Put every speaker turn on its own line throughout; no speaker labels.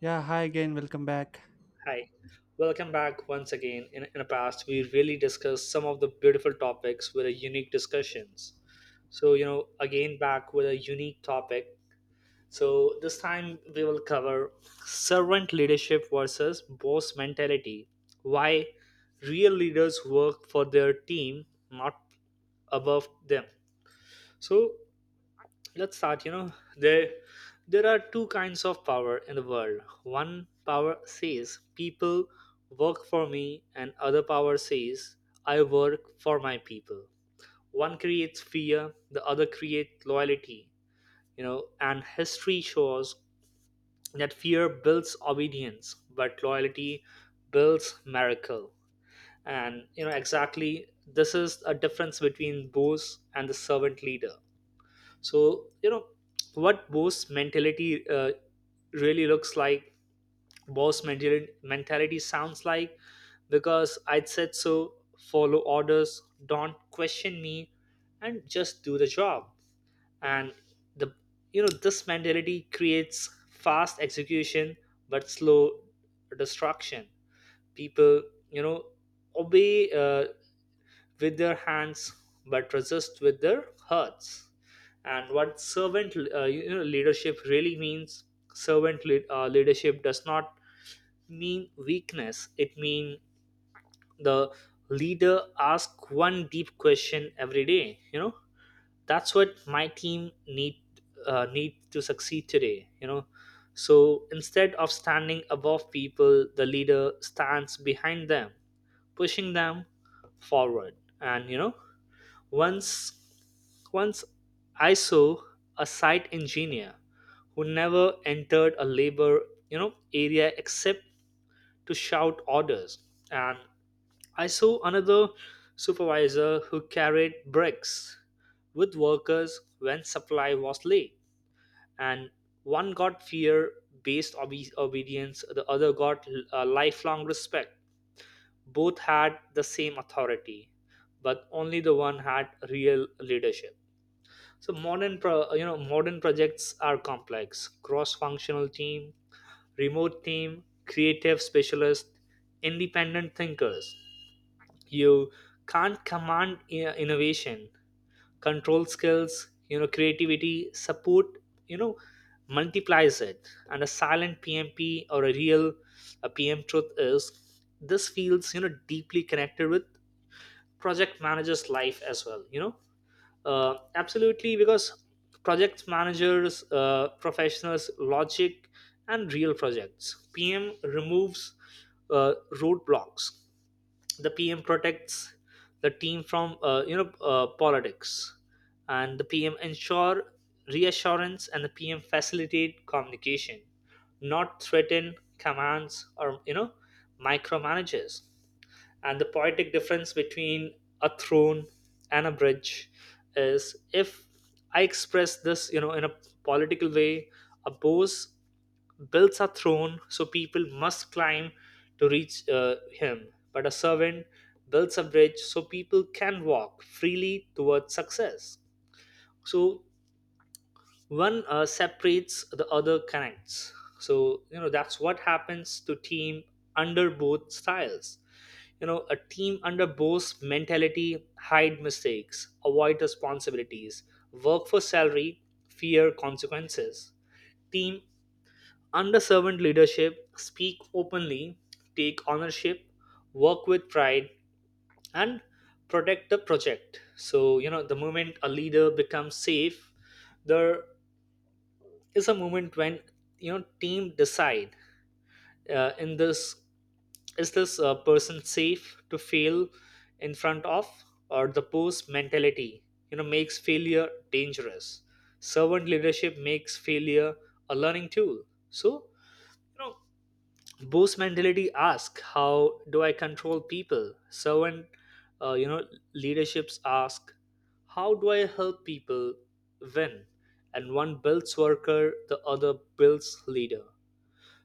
Yeah, hi again. Welcome back.
Hi, welcome back once again. In the past, we really discussed some of the beautiful topics with a unique discussions. So, you know, again back with a unique topic. So, this time we will cover servant leadership versus boss mentality. Why real leaders work for their team, not above them. So, let's start, you know, there are two kinds of power in the world. One power says people work for me, and other power says I work for my people. One creates fear, the other creates loyalty. You know, and history shows that fear builds obedience, but loyalty builds miracle. And you know exactly, this is a difference between boss and the servant leader. So you know what boss mentality really looks like. Boss mentality sounds like, because I said so, follow orders, don't question me, and just do the job. And the you know, this mentality creates fast execution but slow destruction. People, you know, obey, with their hands, but resist with their hearts. And what servant, you know, leadership really means. Leadership does not mean weakness. It means the leader asks one deep question every day, you know, that's what my team need, need to succeed today, you know. So instead of standing above people, the leader stands behind them, pushing them forward. And you know, once, once I saw a site engineer who never entered a labor, you know, area except to shout orders, and I saw another supervisor who carried bricks with workers when supply was late, and one got fear-based obedience, the other got lifelong respect. Both had the same authority, but only the one had real leadership. So you know, modern projects are complex: cross-functional team, remote team, creative specialists, independent thinkers. You can't command innovation, control skills, you know, creativity, support. You know, multiplies it, and a silent PMP or a PM truth is this feels, you know, deeply connected with project manager's life as well. You know. Absolutely, because project managers, professionals, logic, and real projects. PM removes roadblocks. The PM protects the team from, you know, politics, and the PM ensure reassurance, and the PM facilitate communication, not threaten commands or, you know, micromanages. And the poetic difference between a throne and a bridge is, if I express this, you know, in a political way, a Bose builds a throne so people must climb to reach him, but a servant builds a bridge so people can walk freely towards success. So one, separates, the other connects. So, you know, that's what happens to team under both styles. You know, a team under Bo's mentality hide mistakes, avoid responsibilities, work for salary, fear consequences. Team under servant leadership speak openly, take ownership, work with pride, and protect the project. So, you know, the moment a leader becomes safe, there is a moment when, you know, team decide, in this is this, person safe to fail in front of. Or the post mentality, you know, makes failure dangerous. Servant leadership makes failure a learning tool. So you know, boss mentality asks, how do I control people. Servant, you know, leaderships ask, how do I help people win. And one builds worker, the other builds leader.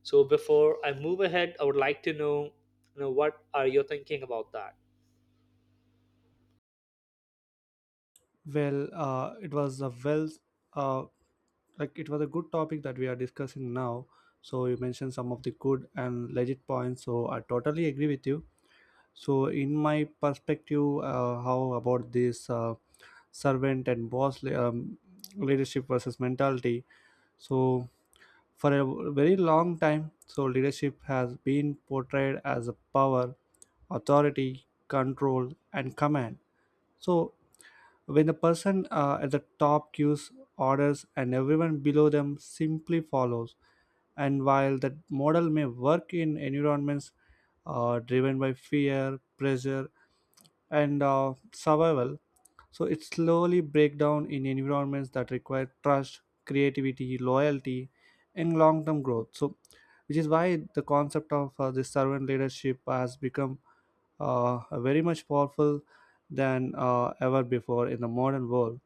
So before I move ahead, I would like to know, you know, what are you thinking about that?
Well, it was a well, uh, it was a good topic that we are discussing now. So you mentioned some of the good and legit points. So I totally agree with you. So in my perspective, how about this servant and leadership versus mentality? So for a very long time, so leadership has been portrayed as a power, authority, control, and command. So when the person at the top gives orders and everyone below them simply follows, and while that model may work in environments driven by fear, pressure, and survival, so it slowly breaks down in environments that require trust, creativity, loyalty, and long-term growth. So, which is why the concept of this servant leadership has become very much powerful than ever before in the modern world.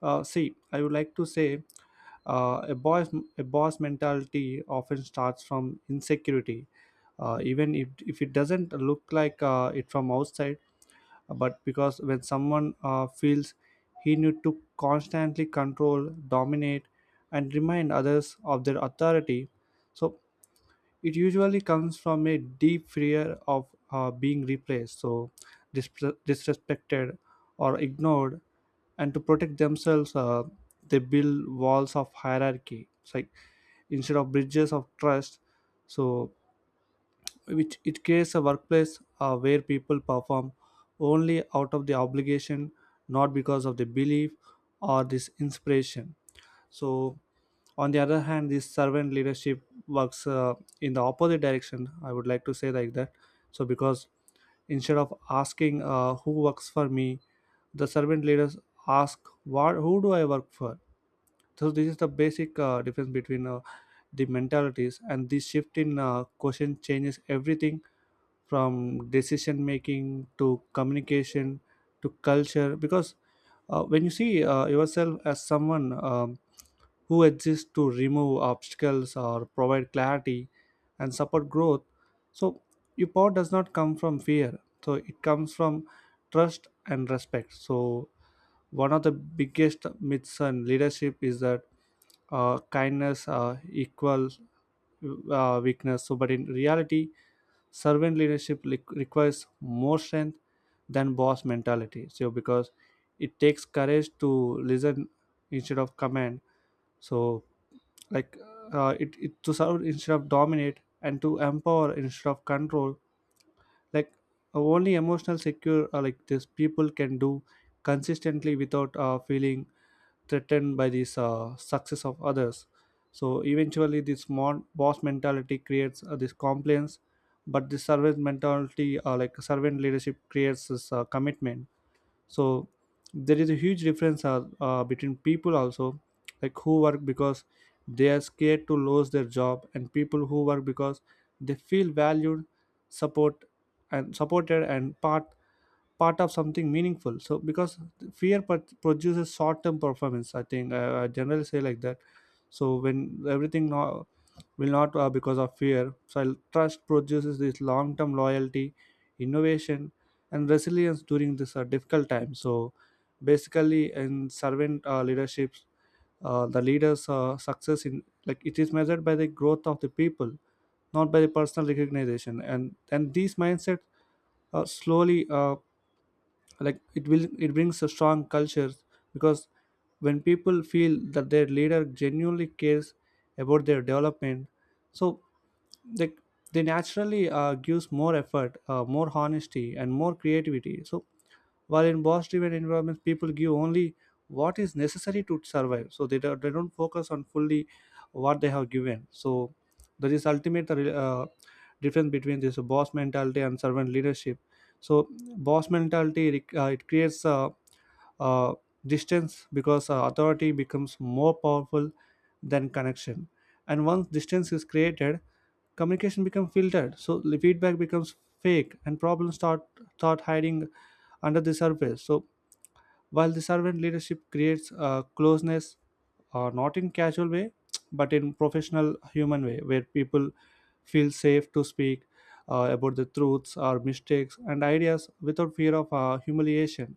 See, I would like to say uh, a boss a boss mentality often starts from insecurity, even if it doesn't look like it from outside, but because when someone feels he need to constantly control, dominate, and remind others of their authority, so it usually comes from a deep fear of being replaced, so disrespected or ignored, and to protect themselves, they build walls of hierarchy. It's like instead of bridges of trust, so which it creates a workplace where people perform only out of the obligation, not because of the belief or this inspiration. So on the other hand, this servant leadership works in the opposite direction, I would like to say like that. So because instead of asking who works for me, the servant leaders ask what, who do I work for? So this is the basic difference between the mentalities, and this shift in question changes everything, from decision making to communication to culture. Because when you see yourself as someone who exists to remove obstacles or provide clarity and support growth, so your power does not come from fear, so it comes from trust and respect. So one of the biggest myths in leadership is that kindness equals weakness, so but in reality, requires more strength than boss mentality. So because it takes courage to listen instead of command, so like it, it to serve instead of dominate and to empower instead of control. like Only emotional secure this people can do consistently without feeling threatened by this success of others. So eventually this small boss mentality creates this compliance, but the servant mentality, servant leadership creates this commitment. So there is a huge difference between people also, like who work because they are scared to lose their job, and people who work because they feel valued, support supported and part of something meaningful. So because produces short-term performance, I think, I generally say like that. So when everything now will not because of trust produces this long-term loyalty, innovation, and resilience during this difficult time. So basically in servant leaderships, the leaders success in, like it is measured by the growth of the people, not by the personal recognition. And these mindset slowly, it will, it brings a strong culture. Because when people feel that their leader genuinely cares about their development, so they they naturally gives more effort, more honesty, and more creativity. So while in boss driven environments, people give only what is necessary to survive. So they don't focus on fully what they have given. So there is ultimate difference between this boss mentality and servant leadership. So boss mentality it creates uh, distance, because authority becomes more powerful than connection, and once distance is created, communication becomes filtered, so the feedback becomes fake and problems start hiding under the surface. So while the servant leadership creates closeness, not in casual way, but in professional human way, where people feel safe to speak about the truths or mistakes and ideas without fear of humiliation.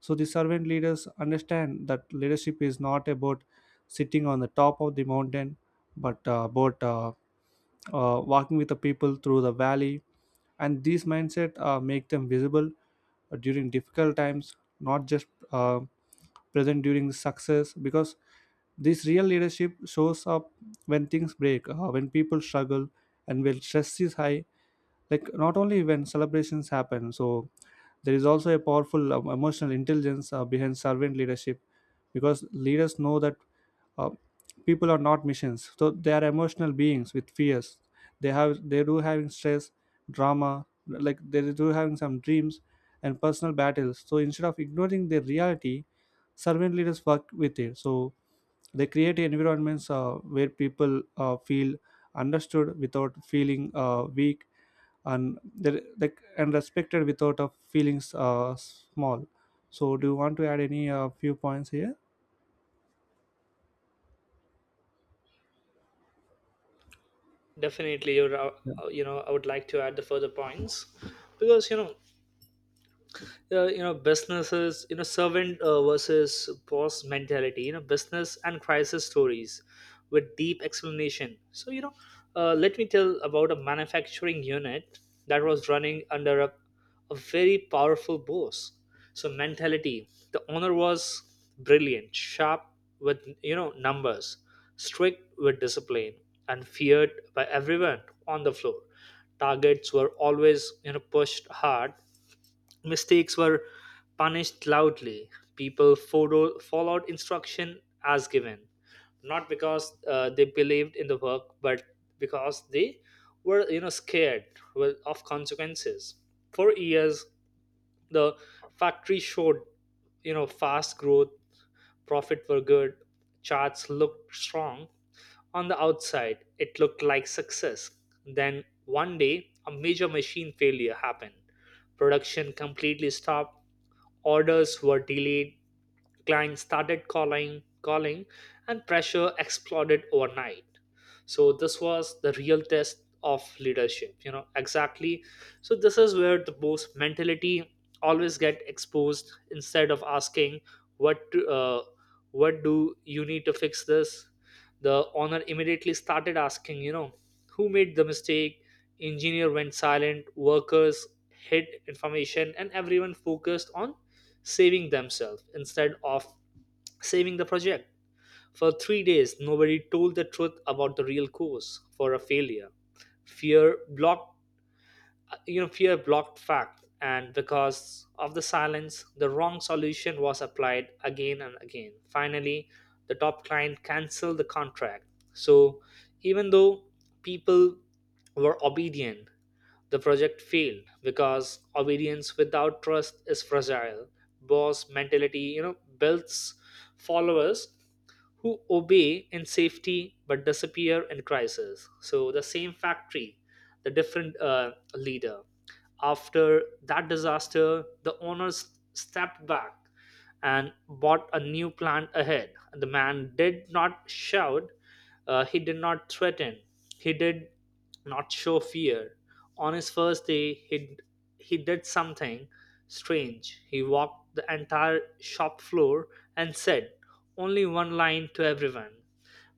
So the servant leaders understand that leadership is not about sitting on the top of the mountain, but about walking with the people through the valley. And these mindset make them visible during difficult times, not just uh, present during success. Because this real leadership shows up when things break, when people struggle, and when stress is high, like not only when celebrations happen. So there is also a powerful emotional intelligence behind servant leadership, because leaders know that uh, people are not machines, so they are emotional beings with fears. They do having stress, drama, like they do having some dreams and personal battles. So instead of ignoring their reality, servant leaders work with it. So they create environments where people feel understood without feeling weak, and respected without feeling small. So, do you want to add any few points here?
Definitely, you know, I would like to add the further points, because you know, you know, businesses, you know, servant, versus boss mentality, you know, business and crisis stories with deep explanation. So you know, let me tell about a manufacturing unit that was running under a very powerful boss, so mentality. The owner was brilliant, sharp with, you know, numbers, strict with discipline, and feared by everyone on the floor. Targets were always, you know, pushed hard. Mistakes were punished loudly. People followed instruction as given, not because, they believed in the work, but because they were, you know, scared, well, of consequences. For years, the factory showed, you know, fast growth. Profit were good, charts looked strong. On the outside it looked like success. Then one day a major machine failure happened. Production completely stopped, orders were delayed, clients started calling and pressure exploded overnight. So this was the real test of leadership, you know exactly. So this is where the boss mentality always get exposed. Instead of asking what to, uh, what do you need to fix this, the owner immediately started asking, you know, who made the mistake. Engineer went silent, workers hid information, and everyone focused on saving themselves instead of saving the project. For 3 days nobody told the truth about the real cause for a failure. Fear blocked, fact. And because of the silence, the wrong solution was applied again and again. Finally, the top client canceled the contract. So even though people were obedient, the project failed, because obedience without trust is fragile. Boss mentality, you know, builds followers who obey in safety but disappear in crisis. So the same factory, the different, leader. After that disaster, the owners stepped back and bought a new plant ahead. The man did not shout, he did not threaten, he did not show fear. On his first day, he did something strange. He walked the entire shop floor and said only one line to everyone: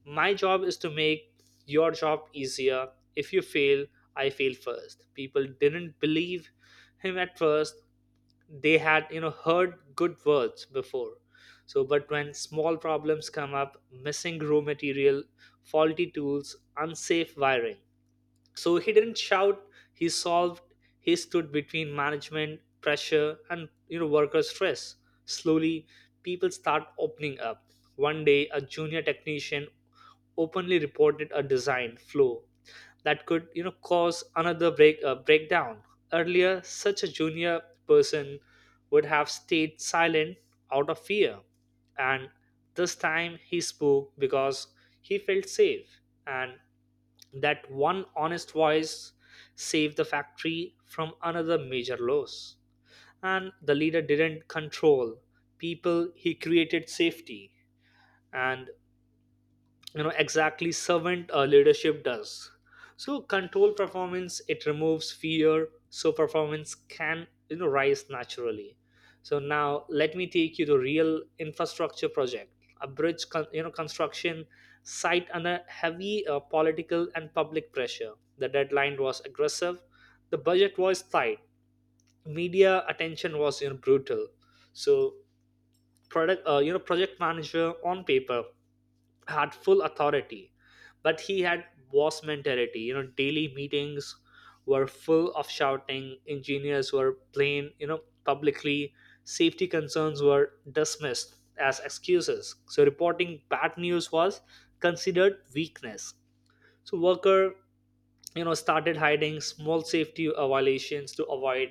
my job is to make your job easier. If you fail, I fail first. People didn't believe him at first. They had, you know, heard good words before. So, but when small problems come up, missing raw material, faulty tools, unsafe wiring. So he didn't shout, he solved, he stood between management, pressure, and, you know, worker stress. Slowly, people start opening up. One day, a junior technician openly reported a design flaw that could, you know, cause another breakdown. Earlier such a junior person would have stayed silent out of fear, and this time he spoke because he felt safe, and that one honest voice saved the factory from another major loss. And the leader didn't control people, he created safety. And you know exactly, servant, leadership does. So control performance, it removes fear, so performance can, you know, rise naturally. So now let me take you to real infrastructure project, a bridge you know, construction site under heavy, political and public pressure. The deadline was aggressive, the budget was tight, media attention was, you know, brutal. So product you know, project manager on paper had full authority, but he had boss mentality. You know, daily meetings were full of shouting, engineers were plain, you know, publicly. Safety concerns were dismissed as excuses, so reporting bad news was considered weakness. So worker, you know, started hiding small safety, violations to avoid,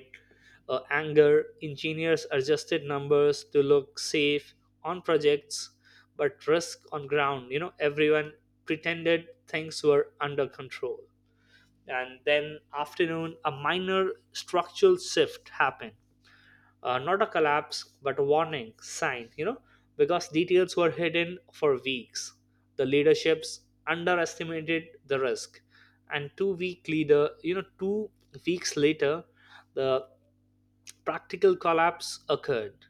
anger. Engineers adjusted numbers to look safe on projects, but risk on ground, you know, everyone pretended things were under control. And then afternoon, a minor structural shift happened, not a collapse but a warning sign, you know. Because details were hidden for weeks, the leaderships underestimated the risk. And two-week leader you know two weeks later, the practical collapse occurred.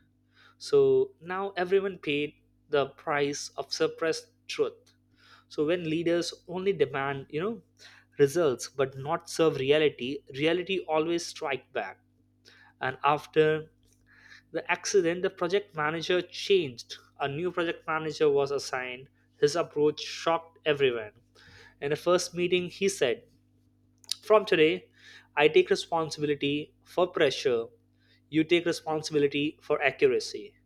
So now everyone paid the price of suppressed truth. So when leaders only demand, you know, results but not serve reality, reality always strike back. And after the accident, the project manager changed. A new project manager was assigned. His approach shocked everyone. In the first meeting, he said, from today, I take responsibility for pressure. You take responsibility for accuracy.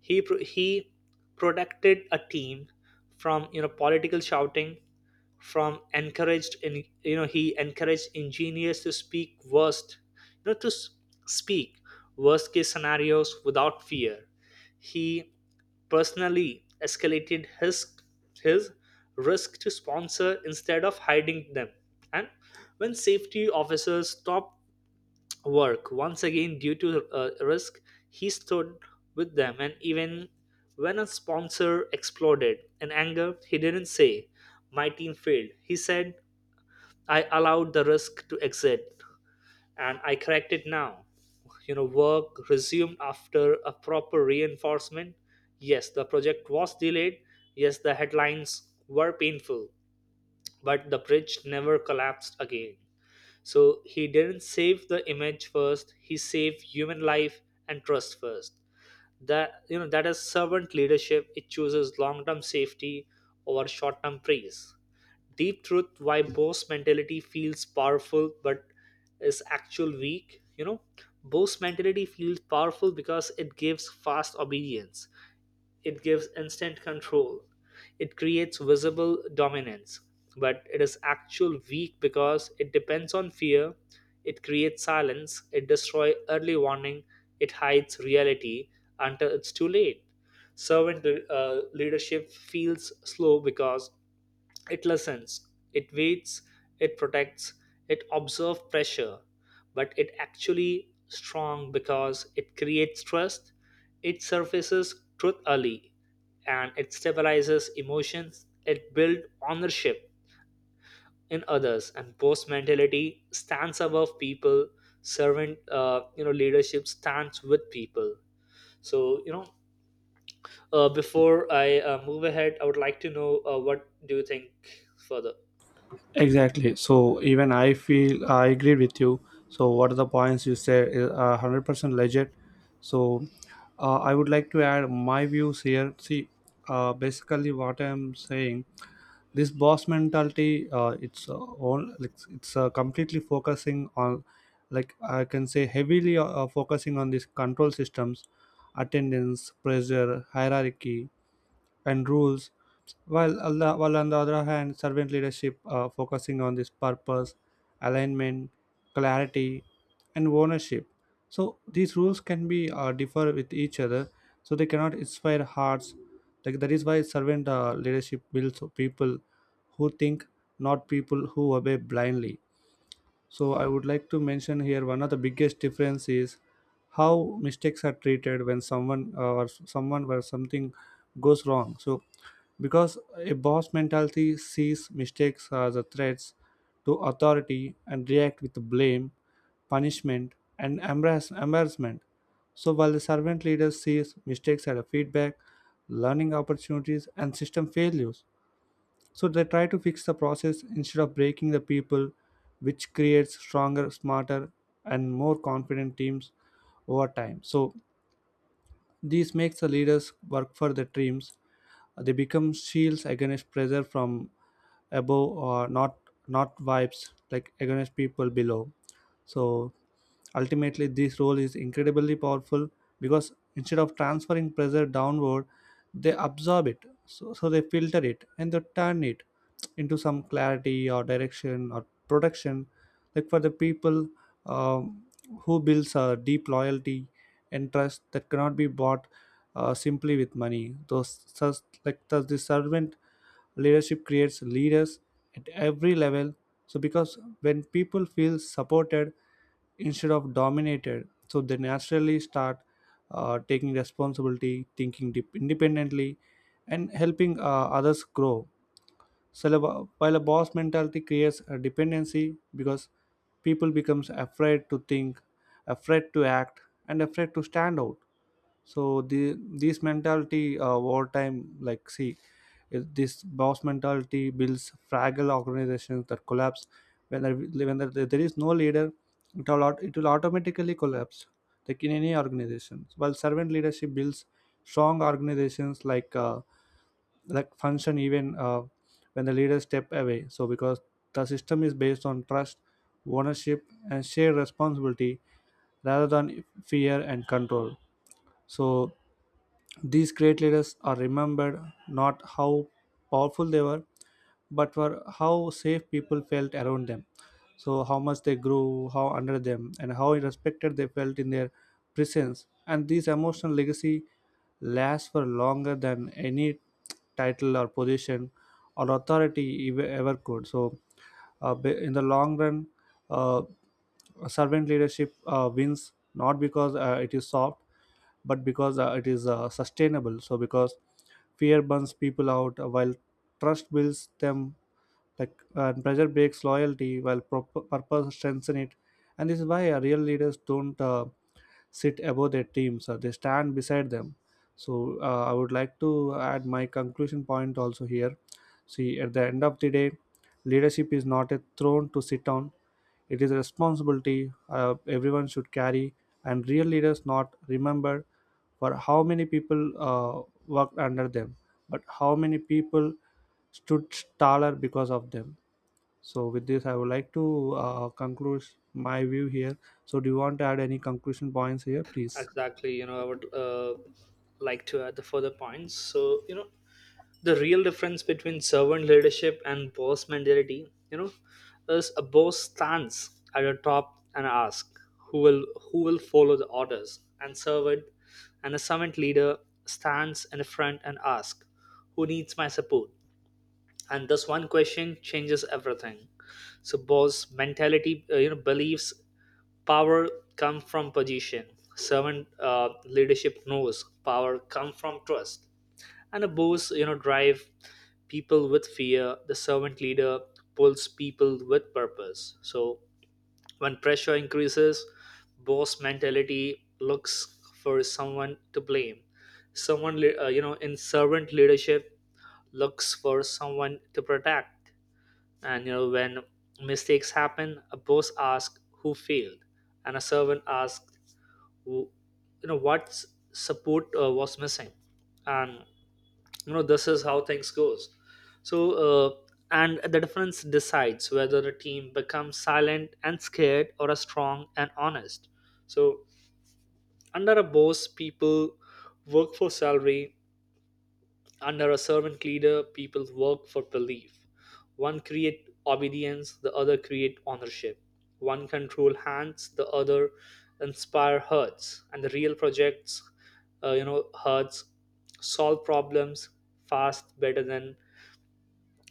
He protected a team from, you know, political shouting, from encouraged in you know he encouraged engineers to speak worst, you know to s- speak worst case scenarios without fear. He personally escalated his risk to sponsor instead of hiding them. And when safety officers stopped work once again due to, risk, he stood with them. And even when a sponsor exploded in anger, he didn't say, my team failed. He said, I allowed the risk to exist, and I correct it now. You know, work resumed after a proper reinforcement. Yes, the project was delayed. Yes, the headlines were painful, but the bridge never collapsed again. So he didn't save the image first, he saved human life and trust first. That, you know, that is servant leadership. It chooses long-term safety over short-term praise. Deep truth, why Bose mentality feels powerful but is actual weak. You know, Bose mentality feels powerful because it gives fast obedience, it gives instant control, it creates visible dominance, but it is actual weak because it depends on fear, it creates silence, it destroys early warning, it hides reality until it's too late. Servant leadership feels slow because it listens, it waits, it protects, it observes pressure, but it actually strong because it creates trust, it surfaces truth early, and it stabilizes emotions, it builds ownership in others, and post mentality stands above people. Servant, leadership stands with people. So you know, before I move ahead, I would like to know, what do you think further?
Exactly. So even I feel I agree with you. So what are the points you said? Is Are 100% legit. So I would like to add my views here. See, basically what I'm saying, this boss mentality, it's all like it's completely focusing on, like I can say heavily focusing on these control systems, attendance pressure, hierarchy, and rules. While on the other hand, servant leadership focusing on this purpose, alignment, clarity, and ownership. So these rules can be differ with each other, so they cannot inspire hearts. Like that is why servant leadership builds people who think, not people who obey blindly. So I would like to mention here, one of the biggest difference is how mistakes are treated when someone or someone where something goes wrong. So because a boss mentality sees mistakes as a threats to authority and react with blame, punishment, and embarrassment. So while the servant leader sees mistakes as a feedback, learning opportunities, and system failures. So they try to fix the process instead of breaking the people, which creates stronger, smarter, and more confident teams over time. So this makes the leaders work for their dreams. They become shields against pressure from above, or not not vibes like against people below. So ultimately, this role is incredibly powerful because instead of transferring pressure downward, they absorb it. So they filter it and they turn it into some clarity or direction or protection. Like for the people, um, who builds a deep loyalty and trust that cannot be bought simply with money. Those such like Thus the servant leadership creates leaders at every level. So because when people feel supported instead of dominated, so they naturally start taking responsibility, thinking dep independently, and helping others grow. So while a boss mentality creates a dependency, because people becomes afraid to think, afraid to act, and afraid to stand out. So the this mentality, wartime like see, this boss mentality builds fragile organizations that collapse when there is no leader, it will automatically collapse, like in any organization. While servant leadership builds strong organizations, like function even when the leaders step away. So because the system is based on trust, ownership, and shared responsibility, rather than fear and control. So these great leaders are remembered not how powerful they were, but for how safe people felt around them. So, how much they grew, how under them, and how respected they felt in their presence. And this emotional legacy lasts for longer than any title or position or ever could. So, in the long run, uh, servant leadership wins, not because it is soft, but because it is sustainable. So because fear burns people out, while trust builds them. Pressure breaks loyalty, while purpose strengthens it. And this is why real leaders don't sit above their teams, they stand beside them. So I would like to add my conclusion point also here. See, at the end of the day, leadership is not a throne to sit on, it is a responsibility everyone should carry, and real leaders not remembered for how many people worked under them, but how many people stood taller because of them. So, with this, I would like to conclude my view here. So, do you want to add any conclusion points here, please?
Exactly, I would like to add the further points. So, you know, the real difference between servant leadership and boss mentality, you know, is a boss stands at the top and asks who will follow the orders, and servant and a servant leader stands in the front and asks who needs my support. And this one question changes everything. So boss mentality, believes power come from position. Servant leadership knows power come from trust. And a boss, drive people with fear. The servant leader pulls people with purpose. So when pressure increases, boss mentality looks for someone to blame. Someone, lea- you know, in servant leadership, looks for someone to protect. And, you know, when mistakes happen, a boss asks who failed, and a servant asks, who, you know, what support was missing. And, you know, this is how things goes. So uh, and the difference decides whether a team becomes silent and scared or a strong and honest. So under a boss, people work for salary. Under a servant leader, people work for belief. One create obedience, the other create ownership. One control hands, the other inspire hearts. And the real projects, hearts solve problems fast better than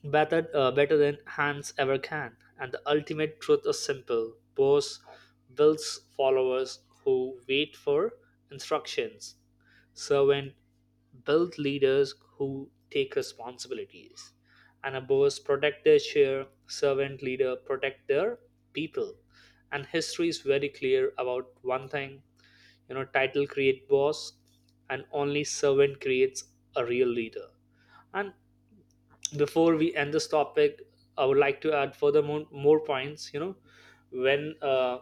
better than hands ever can. And the ultimate truth is simple. Bose builds followers who wait for instructions, servant build leaders who take responsibilities, and a Bose protect their share, servant leader protect their people. And history is very clear about one thing. You know, title create boss, and only servant creates a real leader. And before we end this topic, I would like to add further, more points. You know, when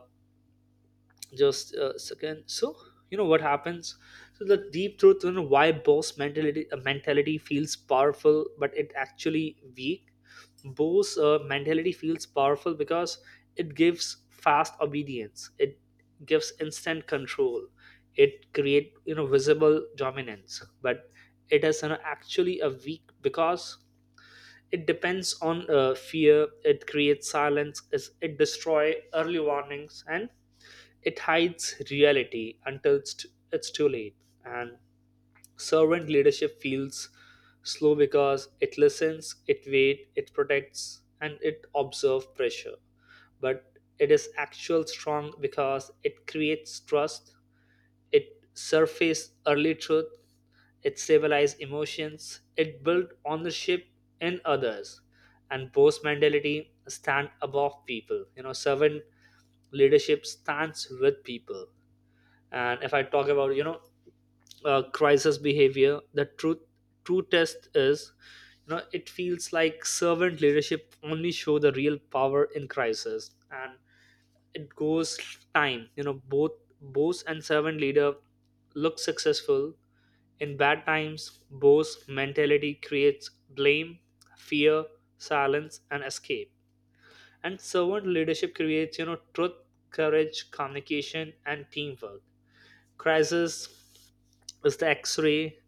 just a second. So, you know, what happens. So the deep truth, you know, why boss mentality feels powerful but it actually weak. Boss mentality feels powerful because it gives fast obedience, it gives instant control, it create, you know, visible dominance, but it is, you know, actually a weak, because it depends on fear, it creates silence it destroys early warnings, and it hides reality until it's too late. And servant leadership feels slow because it listens, it waits, it protects, and it observes pressure, but it is actual strong because it creates trust, it surfaces early truth, it civilized emotions, it built ownership in others. And post mentality stand above people. You know, servant leadership stands with people. And if I talk about, you know, crisis behavior, the truth true test is, you know, it feels like servant leadership only show the real power in crisis. And it goes time, you know, both boss and servant leader look successful. In bad times, Bo's mentality creates blame, fear, silence, and escape. And servant leadership creates, you know, truth, courage, communication, and teamwork. Crisis is the X-ray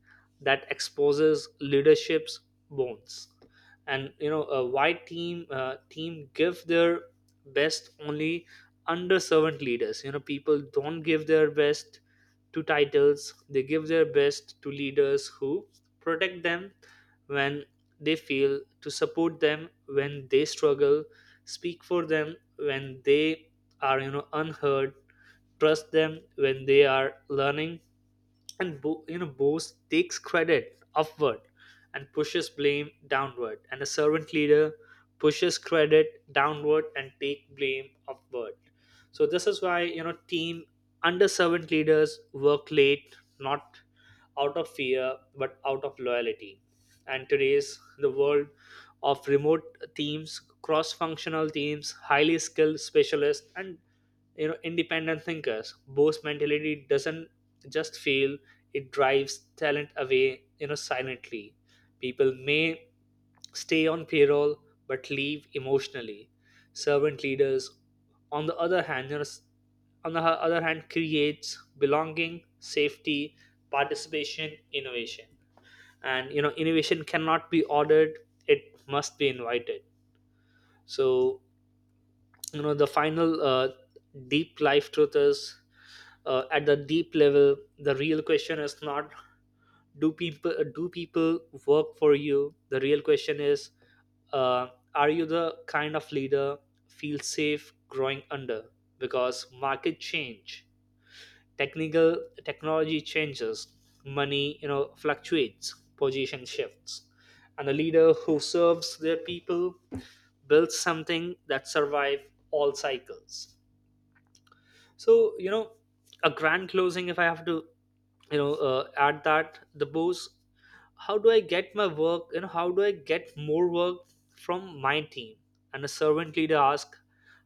that exposes leadership's bones. And, you know, a white team give their best only under servant leaders. You know, people don't give their best to titles. They give their best to leaders who protect them when they fail, to support them when they struggle, speak for them when they are, you know, unheard, trust them when they are learning. And bo- you know boast takes credit upward and pushes blame downward, and a servant leader pushes credit downward and take blame upward. So this is why, you know, team under servant leaders work late not out of fear but out of loyalty. And today's the world of remote teams, cross functional teams, highly skilled specialists, and, you know, independent thinkers. Boss mentality doesn't just fail, it drives talent away, you know, silently. People may stay on payroll but leave emotionally. Servant leaders, on the other hand, other hand, creates belonging, safety, participation, innovation. And, you know, innovation cannot be ordered, it must be invited. So, you know, the final deep life truth is, at the deep level, the real question is not do people work for you. The real question is, uh, are you the kind of leader feel safe growing under? Because market change, technical technology changes, money, you know, fluctuates, position shifts. And a leader who serves their people builds something that survive all cycles. So, you know, a grand closing. If I have to, you know, add, that the boss. How do I get my work? You know, how do I get more work from my team? And a servant leader asks,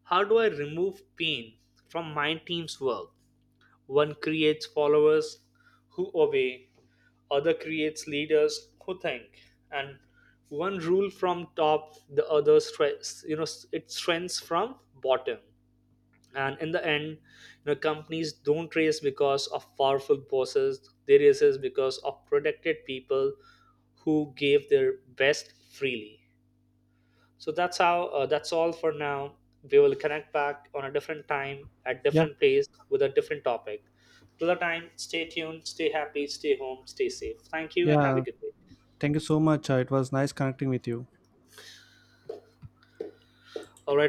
how do I remove pain from my team's work? One creates followers who obey, other creates leaders who think. And one rule from top, the other stress, you know, it strengths from bottom. And in the end, you know, companies don't race because of powerful bosses, they races because of protected people who gave their best freely. So that's how, that's all for now. We will connect back on a different time at
Yeah,
different place with a different topic. Till the time, stay tuned, stay happy, stay home, stay safe, thank you and have a
yeah.
good day.
Thank you so much. It was nice connecting with you.
All right.